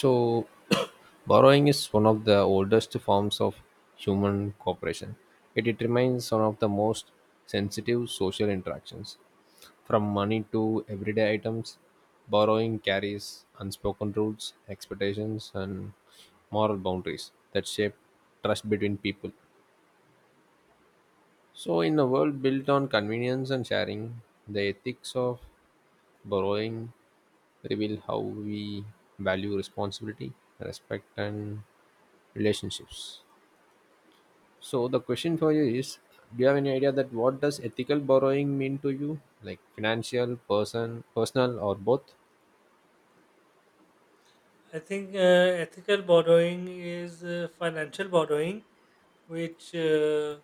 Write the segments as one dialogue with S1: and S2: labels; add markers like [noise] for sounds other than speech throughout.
S1: So, [coughs] borrowing is one of the oldest forms of human cooperation. Yet it remains one of the most sensitive social interactions. From money to everyday items, borrowing carries unspoken rules, expectations, and moral boundaries that shape trust between people. So, in a world built on convenience and sharing, the ethics of borrowing reveal how we value responsibility, respect, and relationships. So the question for you is: do you have any idea that what does ethical borrowing mean to you? Like financial, personal, or both?
S2: I think ethical borrowing is financial borrowing, which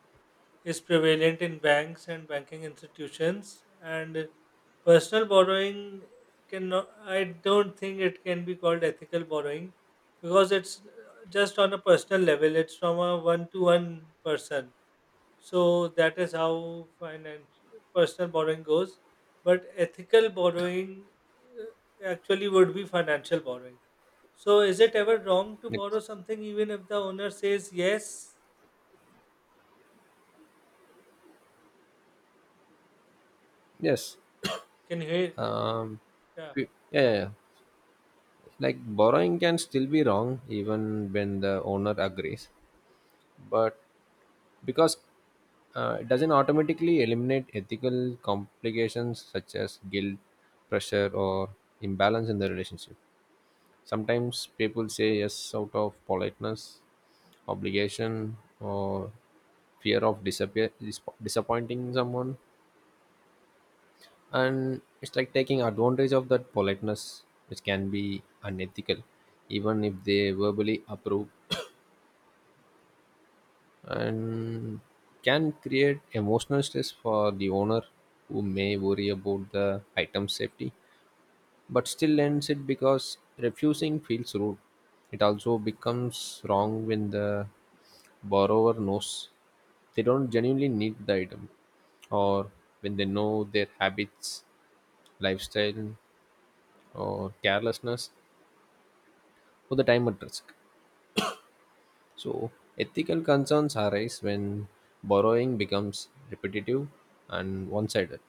S2: is prevalent in banks and banking institutions. And personal borrowing cannot. I don't think it can be called ethical borrowing because it's just on a personal level. It's from a one-to-one person. So that is how finance personal borrowing goes. But ethical borrowing actually would be financial borrowing. So is it ever wrong to
S1: Like,
S2: borrow something even if the owner says yes?
S1: yes.
S2: Can you hear?
S1: Um,
S2: Yeah,
S1: yeah, yeah. Like borrowing can still be wrong even when the owner agrees, but because it doesn't automatically eliminate ethical complications such as guilt, pressure, or imbalance in the relationship. Sometimes people say yes out of politeness, obligation, or fear of disappointing someone, and it's like taking advantage of that politeness, which can be unethical, even if they verbally approve, and can create emotional stress for the owner who may worry about the item's safety but still lends it because refusing feels rude. It also becomes wrong when the borrower knows they don't genuinely need the item, or when they know their habits, lifestyle, or carelessness, or the time at risk. So, ethical concerns arise when borrowing becomes repetitive and one sided,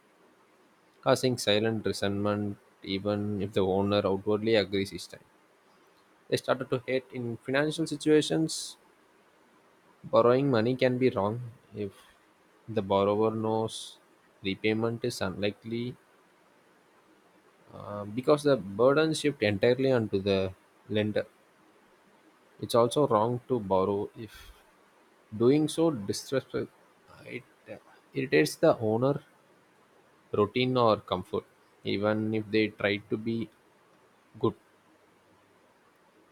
S1: causing silent resentment even if the owner outwardly agrees each time. They started to hate in financial situations. Borrowing money can be wrong if the borrower knows repayment is unlikely, because the burden shift entirely onto the lender. It's also wrong to borrow if doing so disrespect it, uh, irritates the owner, routine or comfort. Even if they try to be good,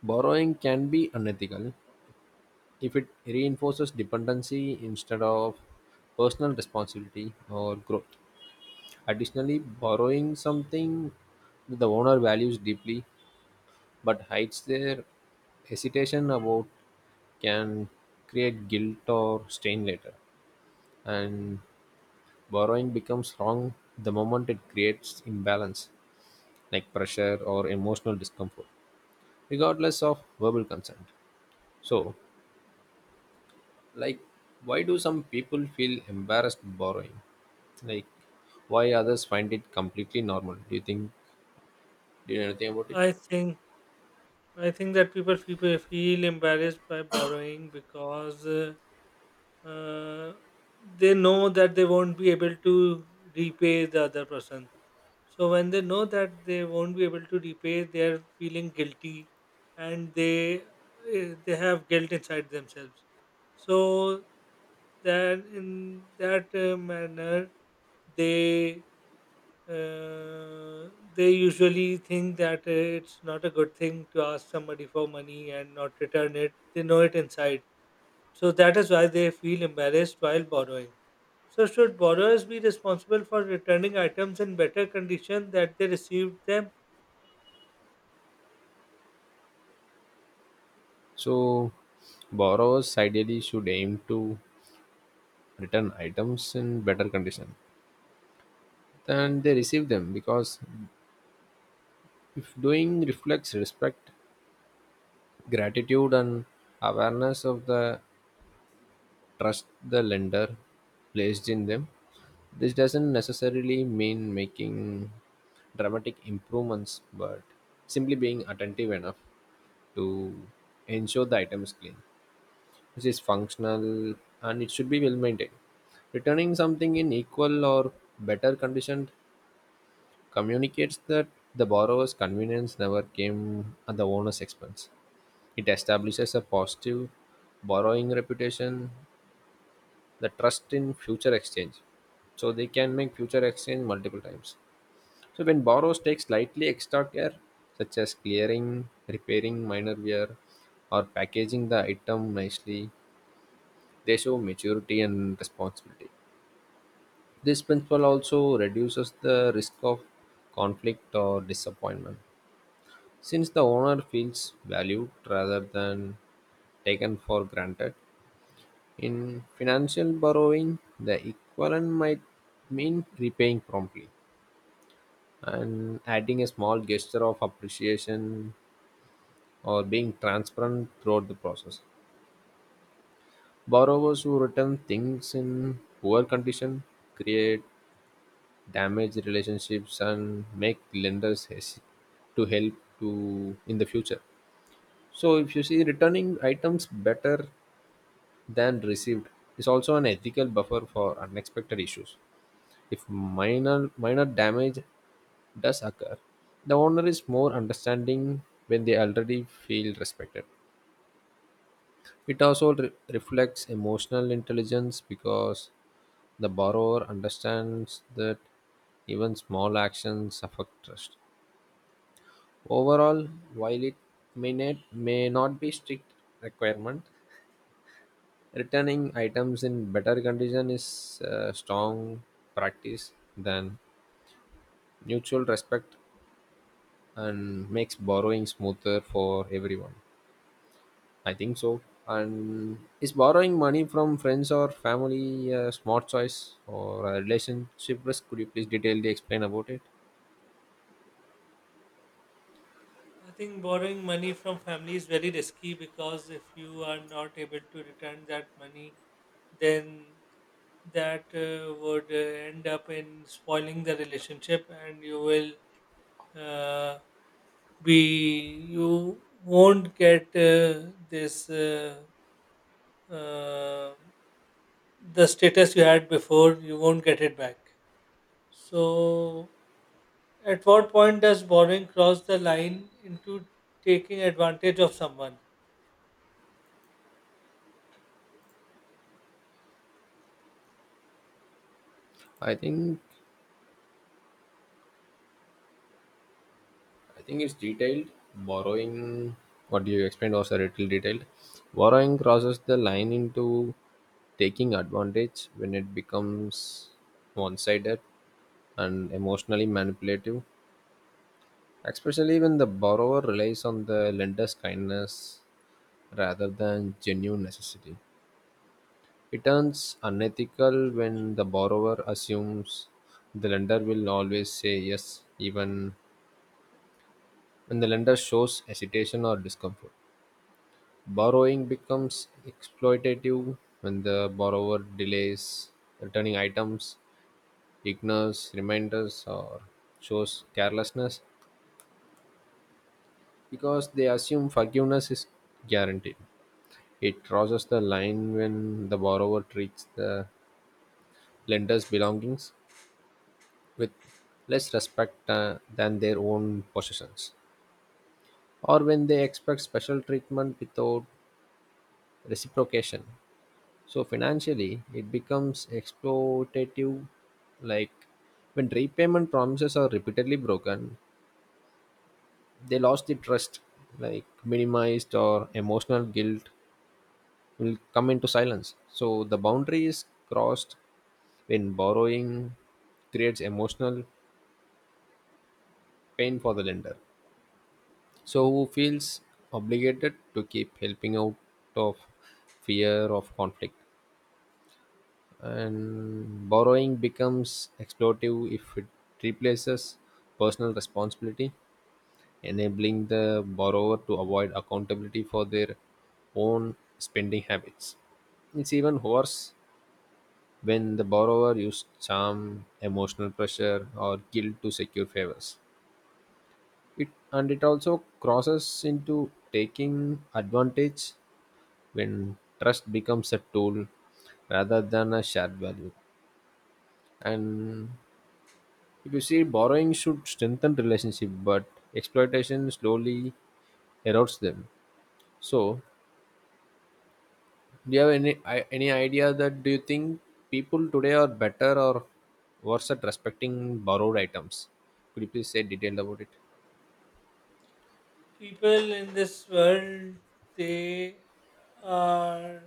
S1: borrowing can be unethical if it reinforces dependency instead of personal responsibility or growth. Additionally, borrowing something the owner values deeply but hides their hesitation about can create guilt or stain later, and borrowing becomes wrong the moment it creates imbalance, like pressure or emotional discomfort, regardless of verbal consent. So, like, why do some people feel embarrassed borrowing, like why others find it completely normal? Do you think, do you know anything about it?
S2: I think I think that people feel embarrassed by borrowing because uh, they know that they won't be able to repay the other person. So when they know that they won't be able to repay, they are feeling guilty, and they they have guilt inside themselves. So then, in that manner, they uh, they usually think that it's not a good thing to ask somebody for money and not return it. They know it inside. So that is why they feel embarrassed while borrowing. So, should borrowers be responsible for returning items in better condition that they received them?
S1: So borrowers ideally should aim to return items in better condition than they receive them, because if doing reflects respect, gratitude, and awareness of the trust the lender placed in them. This doesn't necessarily mean making dramatic improvements, but simply being attentive enough to ensure the item is clean, which is functional, and it should be well maintained. Returning something in equal or better condition communicates that the borrower's convenience never came at the owner's expense. It establishes a positive borrowing reputation, the trust in future exchange. So they can make future exchange multiple times. So when borrowers take slightly extra care, such as clearing, repairing minor wear, or packaging the item nicely, they show maturity and responsibility. This principle also reduces the risk of conflict or disappointment. Since the owner feels valued rather than taken for granted, in financial borrowing, the equivalent might mean repaying promptly and adding a small gesture of appreciation or being transparent throughout the process. Borrowers who return things in poor condition create damaged relationships and make lenders hesitate to help, to in the future. So if you see, returning items better than received is also an ethical buffer for unexpected issues. If minor damage does occur, the owner is more understanding when they already feel respected. It also reflects emotional intelligence because the borrower understands that even small actions affect trust. Overall, while it may not be strict requirement, returning items in better condition is a strong practice than mutual respect and makes borrowing smoother for everyone. I think so. And is borrowing money from friends or family a smart choice or a relationship risk? Could you please detail the explain about it?
S2: I think borrowing money from family is very risky because if you are not able to return that money, then that would end up in spoiling the relationship and you will uh, we you won't get this uh, the status you had before you won't get it back. So at what point does borrowing cross the line into taking advantage of someone?
S1: I think I think it's detailed. Borrowing, what you explained was a little detailed. Borrowing crosses the line into taking advantage when it becomes one sided and emotionally manipulative, especially when the borrower relies on the lender's kindness rather than genuine necessity. It turns unethical when the borrower assumes the lender will always say yes, even when the lender shows hesitation or discomfort. Borrowing becomes exploitative when the borrower delays returning items, ignores reminders, or shows carelessness because they assume forgiveness is guaranteed. It crosses the line when the borrower treats the lender's belongings with less respect than their own possessions, or when they expect special treatment without reciprocation. So financially, it becomes exploitative. Like when repayment promises are repeatedly broken, they lost the trust. Like minimized or emotional guilt will come into silence. So the boundary is crossed when borrowing creates emotional pain for the lender. So who feels obligated to keep helping out of fear of conflict. And borrowing becomes exploitive if it replaces personal responsibility, enabling the borrower to avoid accountability for their own spending habits. It's even worse when the borrower uses charm, emotional pressure, or guilt to secure favors. It and it also crosses into taking advantage when trust becomes a tool rather than a shared value. And if you see, borrowing should strengthen relationship, but exploitation slowly erodes them. So, do you have any any idea that do you think people today are better or worse at respecting borrowed items? Could you please say detail about it?
S2: People in this world, they are,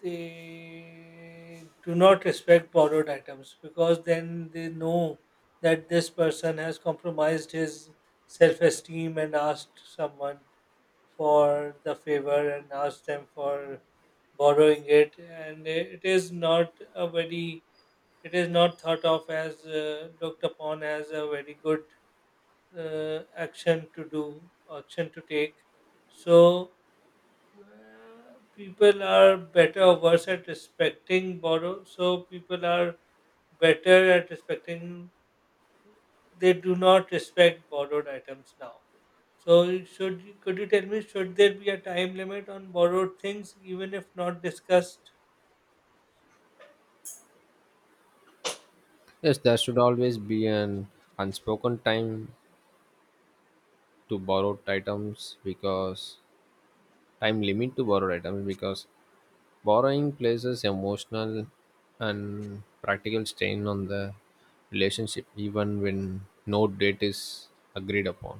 S2: they do not respect borrowed items because then they know that this person has compromised his self esteem and asked someone for the favor and asked them for borrowing it, and it is not a very, it is not thought of as looked upon as a very good action to do, action to take. So people are better or worse at respecting borrow. So people are better at respecting. They do not respect borrowed items now. So could you tell me, should there be a time limit on borrowed things even if not discussed?
S1: Yes, there should always be an unspoken time to borrowed items, because time limit to borrow, right, I mean, because borrowing places emotional and practical strain on the relationship even when no date is agreed upon.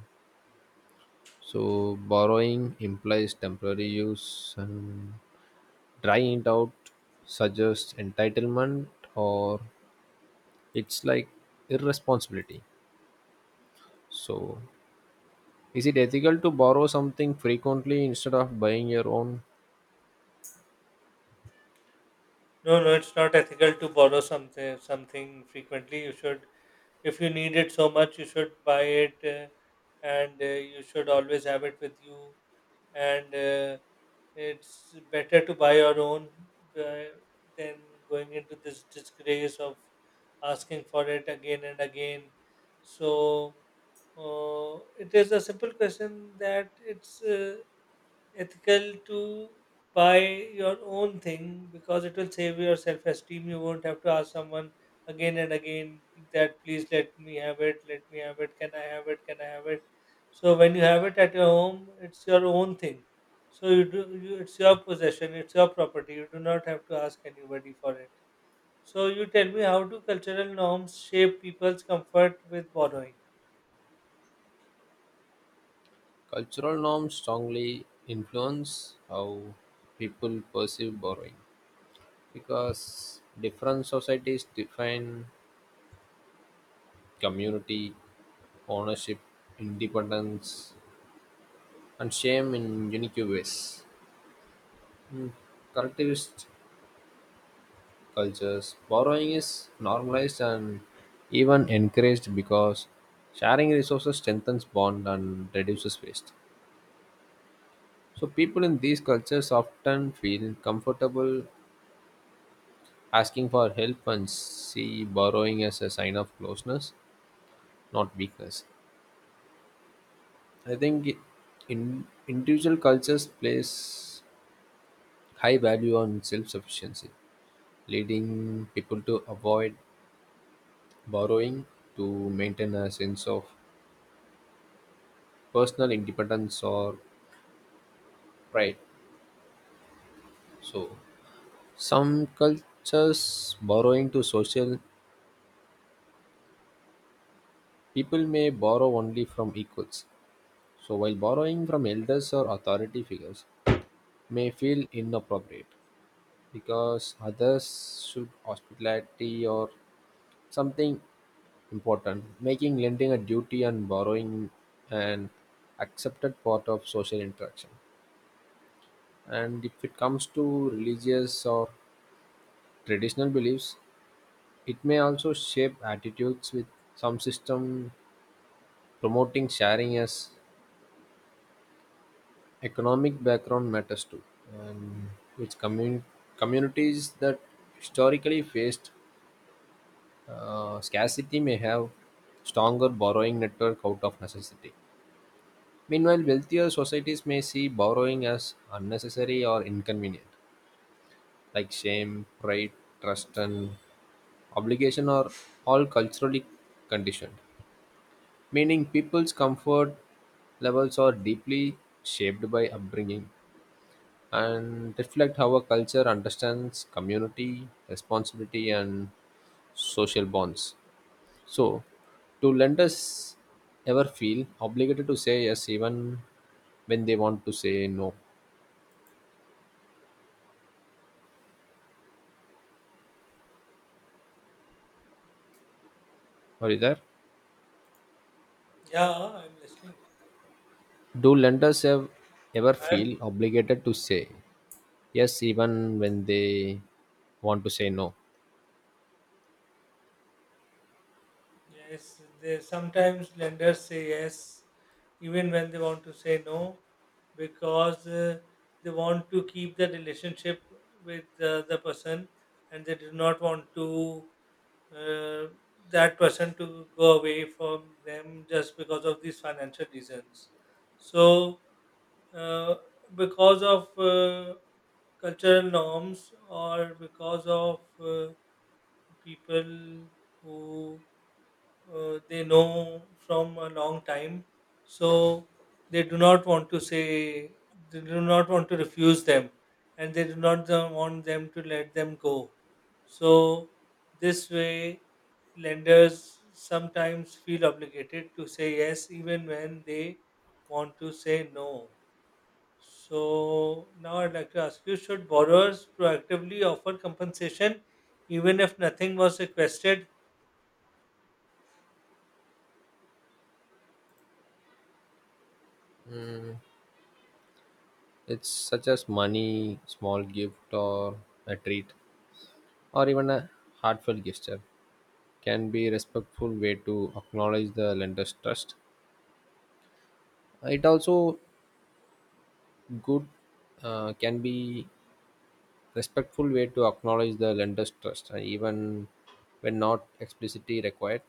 S1: So borrowing implies temporary use, and drying it out suggests entitlement, or it's like irresponsibility. So, is it ethical to borrow something frequently instead of buying your own?
S2: No, no, it's not ethical to borrow something frequently. You should, if you need it so much, you should buy it, and you should always have it with you. And it's better to buy your own uh, than going into this disgrace of asking for it again and again. So it is a simple question that it's. Ethical to buy your own thing because it will save your self esteem. You won't have to ask someone again and again that please let me have it, let me have it, can I have it, can I have it. So when you have it at your home, it's your own thing. So you, it's your possession, it's your property. You do not have to ask anybody for it. So you tell me, how do cultural norms shape people's comfort with borrowing?
S1: Cultural norms strongly influence how people perceive borrowing because different societies define community, ownership, independence, and shame in unique ways. In collectivist cultures, borrowing is normalized and even encouraged because sharing resources strengthens bond and reduces waste. So people in these cultures often feel comfortable asking for help and see borrowing as a sign of closeness, not weakness. I think in individual cultures place high value on self sufficiency, leading people to avoid borrowing to maintain a sense of personal independence or pride. So, some cultures borrowing to social, people may borrow only from equals. So, while borrowing from elders or authority figures, may feel inappropriate because others should hospitality or something important, making lending a duty and borrowing an accepted part of social interaction. And if it comes to religious or traditional beliefs, it may also shape attitudes with some system promoting sharing as economic background matters too, and which communities that historically faced scarcity may have stronger borrowing network out of necessity. Meanwhile, wealthier societies may see borrowing as unnecessary or inconvenient, like shame, pride, trust, and obligation are all culturally conditioned, meaning people's comfort levels are deeply shaped by upbringing and reflect how a culture understands community, responsibility, and social bonds. So, do lenders ever feel obligated to say yes even when they want to say no? Are you there?
S2: Yeah, I'm listening.
S1: Do lenders ever feel obligated to say yes even when they want to say no?
S2: Yes, they sometimes lenders say yes, even when they want to say no, because they want to keep the relationship with the person, and they do not want to uh, that person to go away from them just because of these financial reasons. So uh, because of cultural norms or because of people who they know from a long time. So they do not want to say, they do not want to refuse them, and they do not want them to let them go. So this way lenders sometimes feel obligated to say yes even when they want to say no. So now I'd like to ask you, should borrowers proactively offer compensation even if nothing was requested?
S1: It's such as money, small gift, or a treat, or even a heartfelt gesture can be a respectful way to acknowledge the lender's trust. It also good, can be respectful way to acknowledge the lender's trust, and even when not explicitly required,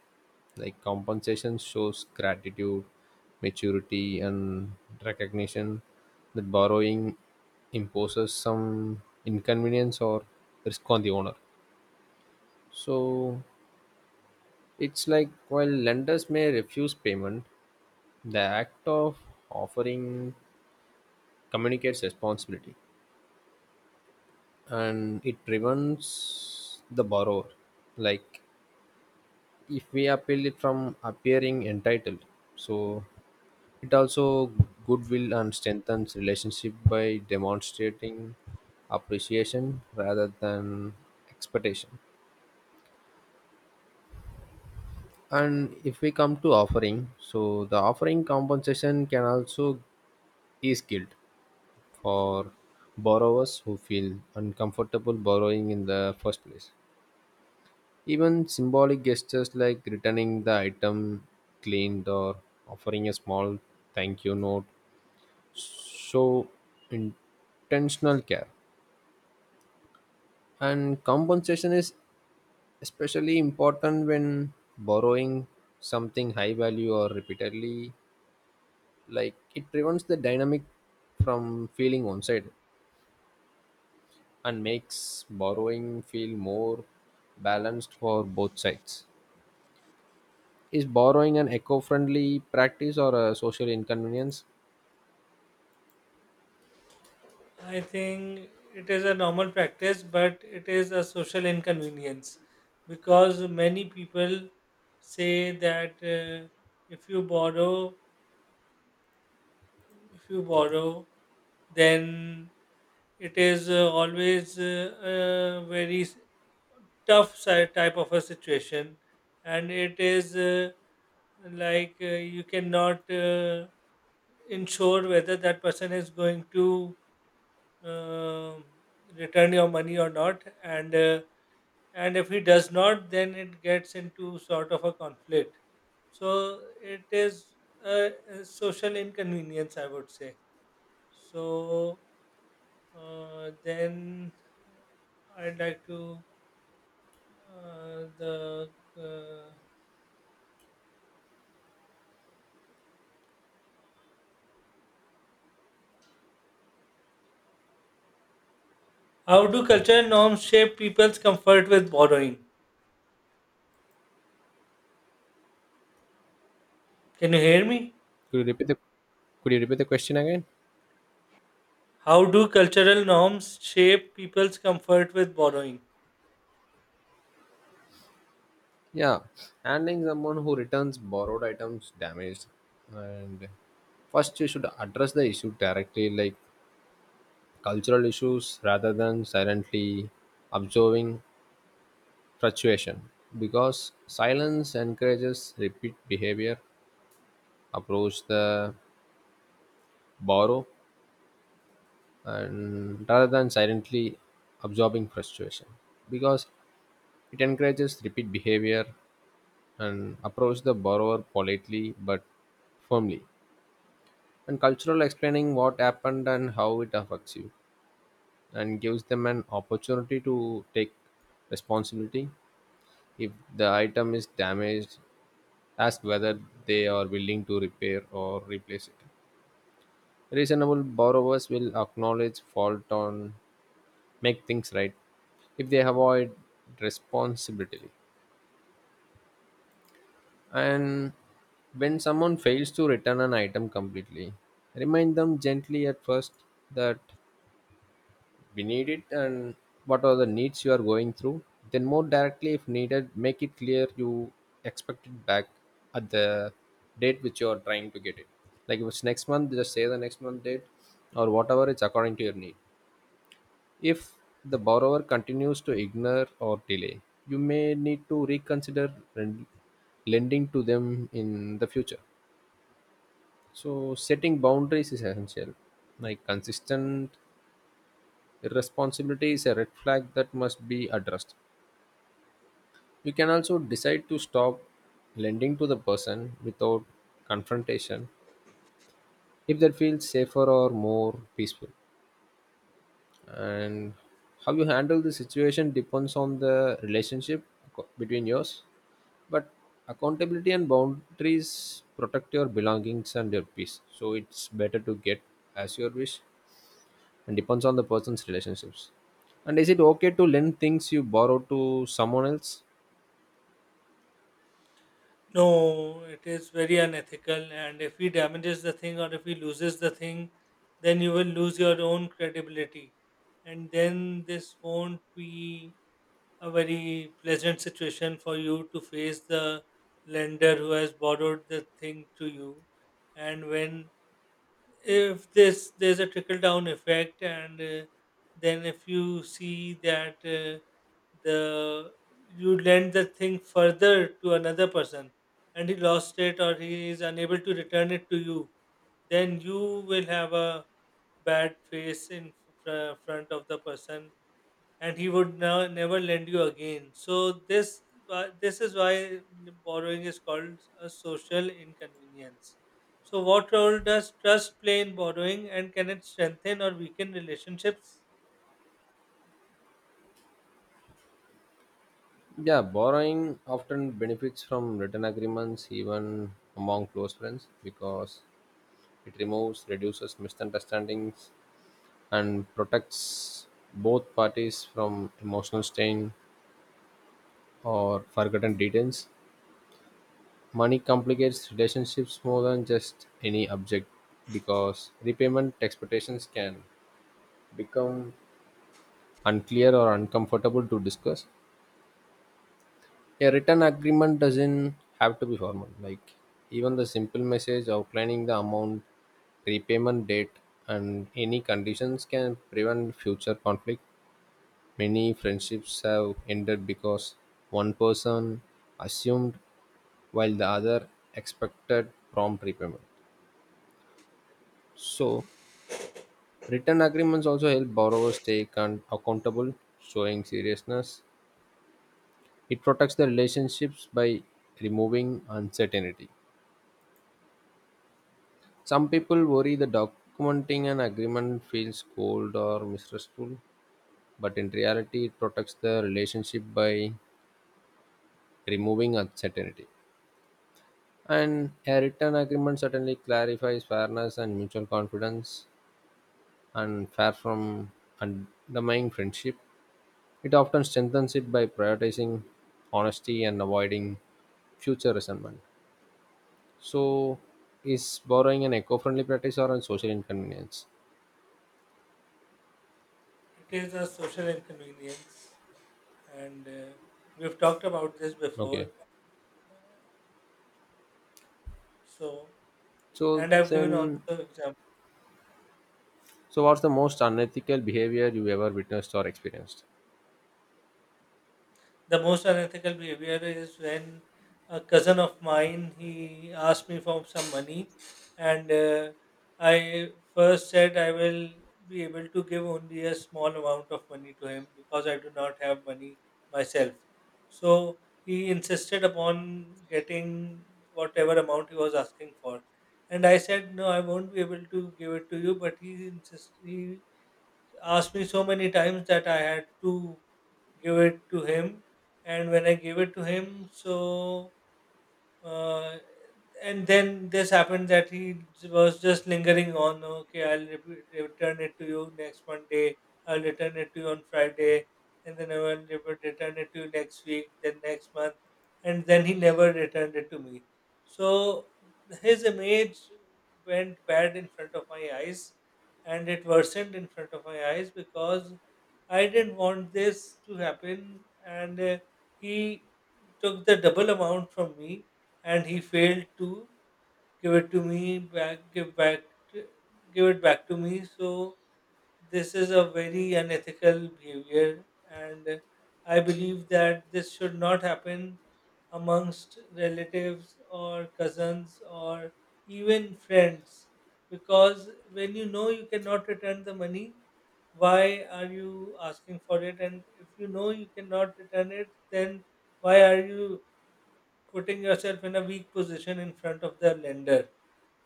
S1: like compensation shows gratitude, maturity, and recognition that borrowing imposes some inconvenience or risk on the owner. So it's like, while lenders may refuse payment, the act of offering communicates responsibility, and it prevents the borrower, like if we appeal it, from appearing entitled. So it also goodwill and strengthens relationship by demonstrating appreciation rather than expectation. And if we come to offering, so the offering compensation can also is guilt for borrowers who feel uncomfortable borrowing in the first place. Even symbolic gestures like returning the item cleaned or offering a small thank you note show intentional care. And compensation is especially important when borrowing something high value or repeatedly. Like it prevents the dynamic from feeling one sided and makes borrowing feel more balanced for both sides. Is borrowing an eco-friendly practice or a social inconvenience?
S2: I think it is a normal practice, but it is a social inconvenience because many people say that if you borrow, if you borrow then it is always a tough type of a situation, and it is like you cannot ensure whether that person is going to uh, return your money or not. And and if he does not, then it gets into sort of a conflict. So it is a social inconvenience, I would say. So then I'd like to the how do cultural norms shape people's comfort with borrowing? Can you hear me?
S1: Could you repeat the Could you repeat the question again?
S2: How do cultural norms shape people's comfort with borrowing?
S1: Yeah, handling someone who returns borrowed items damaged, and first you should address the issue directly, like cultural issues, rather than silently observing fluctuation, because silence encourages repeat behavior. Approach the borrow, and rather than silently absorbing frustration, because it encourages repeat behavior, and approach the borrower politely but firmly. And cultural explaining what happened and how it affects you and gives them an opportunity to take responsibility. If the item is damaged, ask whether they are willing to repair or replace it. Reasonable borrowers will acknowledge fault and make things right if they avoid responsibility. And when someone fails to return an item completely, remind them gently at first that we need it and what are the needs you are going through. Then, more directly, if needed, make it clear you expect it back at the date which you are trying to get it. Like if it's next month, just say the next month date or whatever it's according to your need. If the borrower continues to ignore or delay, you may need to reconsider lending to them in the future. So setting boundaries is essential. Like consistent irresponsibility is a red flag that must be addressed. You can also decide to stop lending to the person without confrontation if that feels safer or more peaceful. And how you handle the situation depends on the relationship between yours. But accountability and boundaries protect your belongings and your peace. So it's better to get as your wish and depends on the person's relationships. And is it okay to lend things you borrow to someone else?
S2: No, it is very unethical, and if he damages the thing or if he loses the thing, then you will lose your own credibility, and then this won't be a very pleasant situation for you to face the lender who has borrowed the thing to you. And when, if this, there's a trickle down effect. And then if you see that the you lend the thing further to another person and he lost it or he is unable to return it to you, then you will have a bad face in front of the person, and he would now never lend you again. So this this is why borrowing is called a social inconvenience. So what role does trust play in borrowing, and can it strengthen or weaken relationships?
S1: Yeah, borrowing often benefits from written agreements even among close friends, because it removes reduces misunderstandings and protects both parties from emotional strain or forgotten details. Money complicates relationships more than just any object, because repayment expectations can become unclear or uncomfortable to discuss. A written agreement doesn't have to be formal. Like, even the simple message outlining the amount, repayment date, and any conditions can prevent future conflict. Many friendships have ended because one person assumed while the other expected prompt repayment. So written agreements also help borrowers stay accountable, showing seriousness. It protects the relationships by removing uncertainty. Some people worry that documenting an agreement feels cold or mistrustful, but in reality, it protects the relationship by removing uncertainty. And a written agreement certainly clarifies fairness and mutual confidence and fair from undermining friendship. It often strengthens it by prioritizing honesty and avoiding future resentment. So, is borrowing an eco-friendly practice or a social inconvenience?
S2: It is a social inconvenience, and we've talked about this before.
S1: Okay.
S2: So,
S1: So
S2: and I've given also
S1: then,
S2: examples.
S1: so what's the most unethical behavior you ever witnessed or experienced?
S2: The most unethical behavior is when a cousin of mine, he asked me for some money, and I first said I will be able to give only a small amount of money to him because I do not have money myself. So he insisted upon getting whatever amount he was asking for, and I said no, I won't be able to give it to you. But he insisted. He asked me so many times that I had to give it to him. And when I gave it to him, so uh, and then this happened that he was just lingering on. Okay, I'll return it to you next Monday. I'll return it to you on Friday, and then I will return it to you next week. Then next month. And then he never returned it to me. So his image went bad in front of my eyes, and it worsened in front of my eyes because I didn't want this to happen. And he took the double amount from me and he failed to give it to me back, give back, to- give it back to me. So this is a very unethical behavior, and I believe that this should not happen amongst relatives or cousins or even friends, because when you know you cannot return the money, why are you asking for it? And if you know you cannot return it, then why are you putting yourself in a weak position in front of the lender.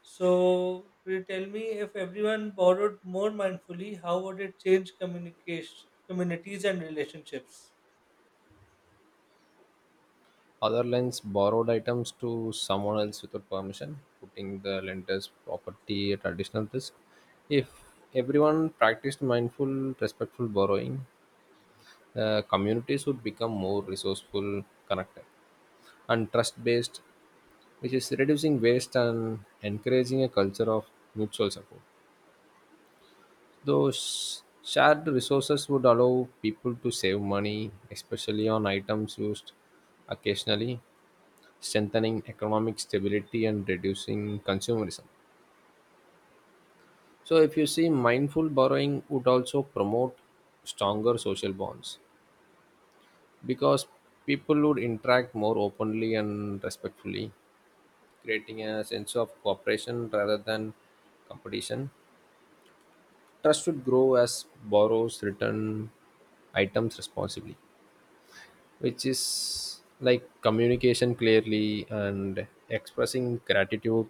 S2: So, will you tell me, if everyone borrowed more mindfully, how would it change communication, communities and relationships?
S1: Other lends borrowed items to someone else without permission, putting the lender's property at additional risk. If everyone practiced mindful, respectful borrowing, communities would become more resourceful, connected, and trust based, which is reducing waste and encouraging a culture of mutual support. Those shared resources would allow people to save money, especially on items used occasionally, strengthening economic stability and reducing consumerism. So, if you see, mindful borrowing would also promote stronger social bonds because people would interact more openly and respectfully, creating a sense of cooperation rather than competition. Trust should grow as borrows return items responsibly, which is like communication clearly and expressing gratitude,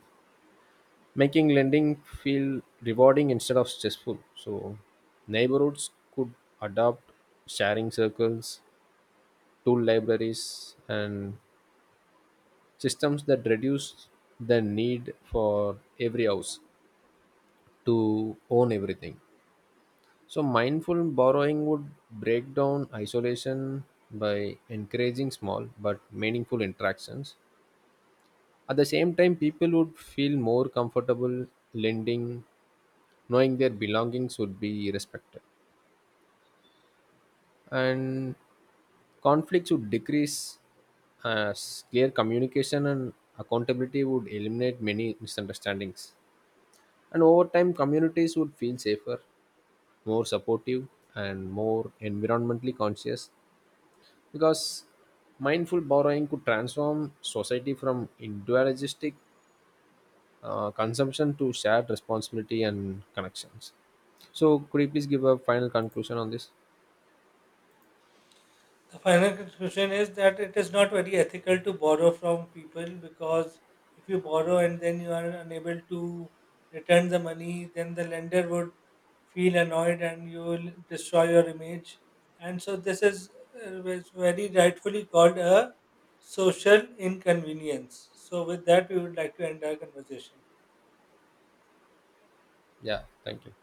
S1: making lending feel rewarding instead of stressful. So, neighborhoods could adopt sharing circles, tool libraries, and systems that reduce the need for every house to own everything. So, mindful borrowing would break down isolation by encouraging small but meaningful interactions. At the same time, people would feel more comfortable lending, knowing their belongings would be respected. And conflicts would decrease as clear communication and accountability would eliminate many misunderstandings. And over time, communities would feel safer, more supportive, and more environmentally conscious, because mindful borrowing could transform society from individualistic consumption to shared responsibility and connections. So could you please give a final conclusion on this?
S2: The final conclusion is that it is not very ethical to borrow from people because if you borrow and then you are unable to return the money, then the lender would feel annoyed and you will destroy your image. And so this is very rightfully called a social inconvenience. So with that, we would like to end our conversation.
S1: Yeah, thank you.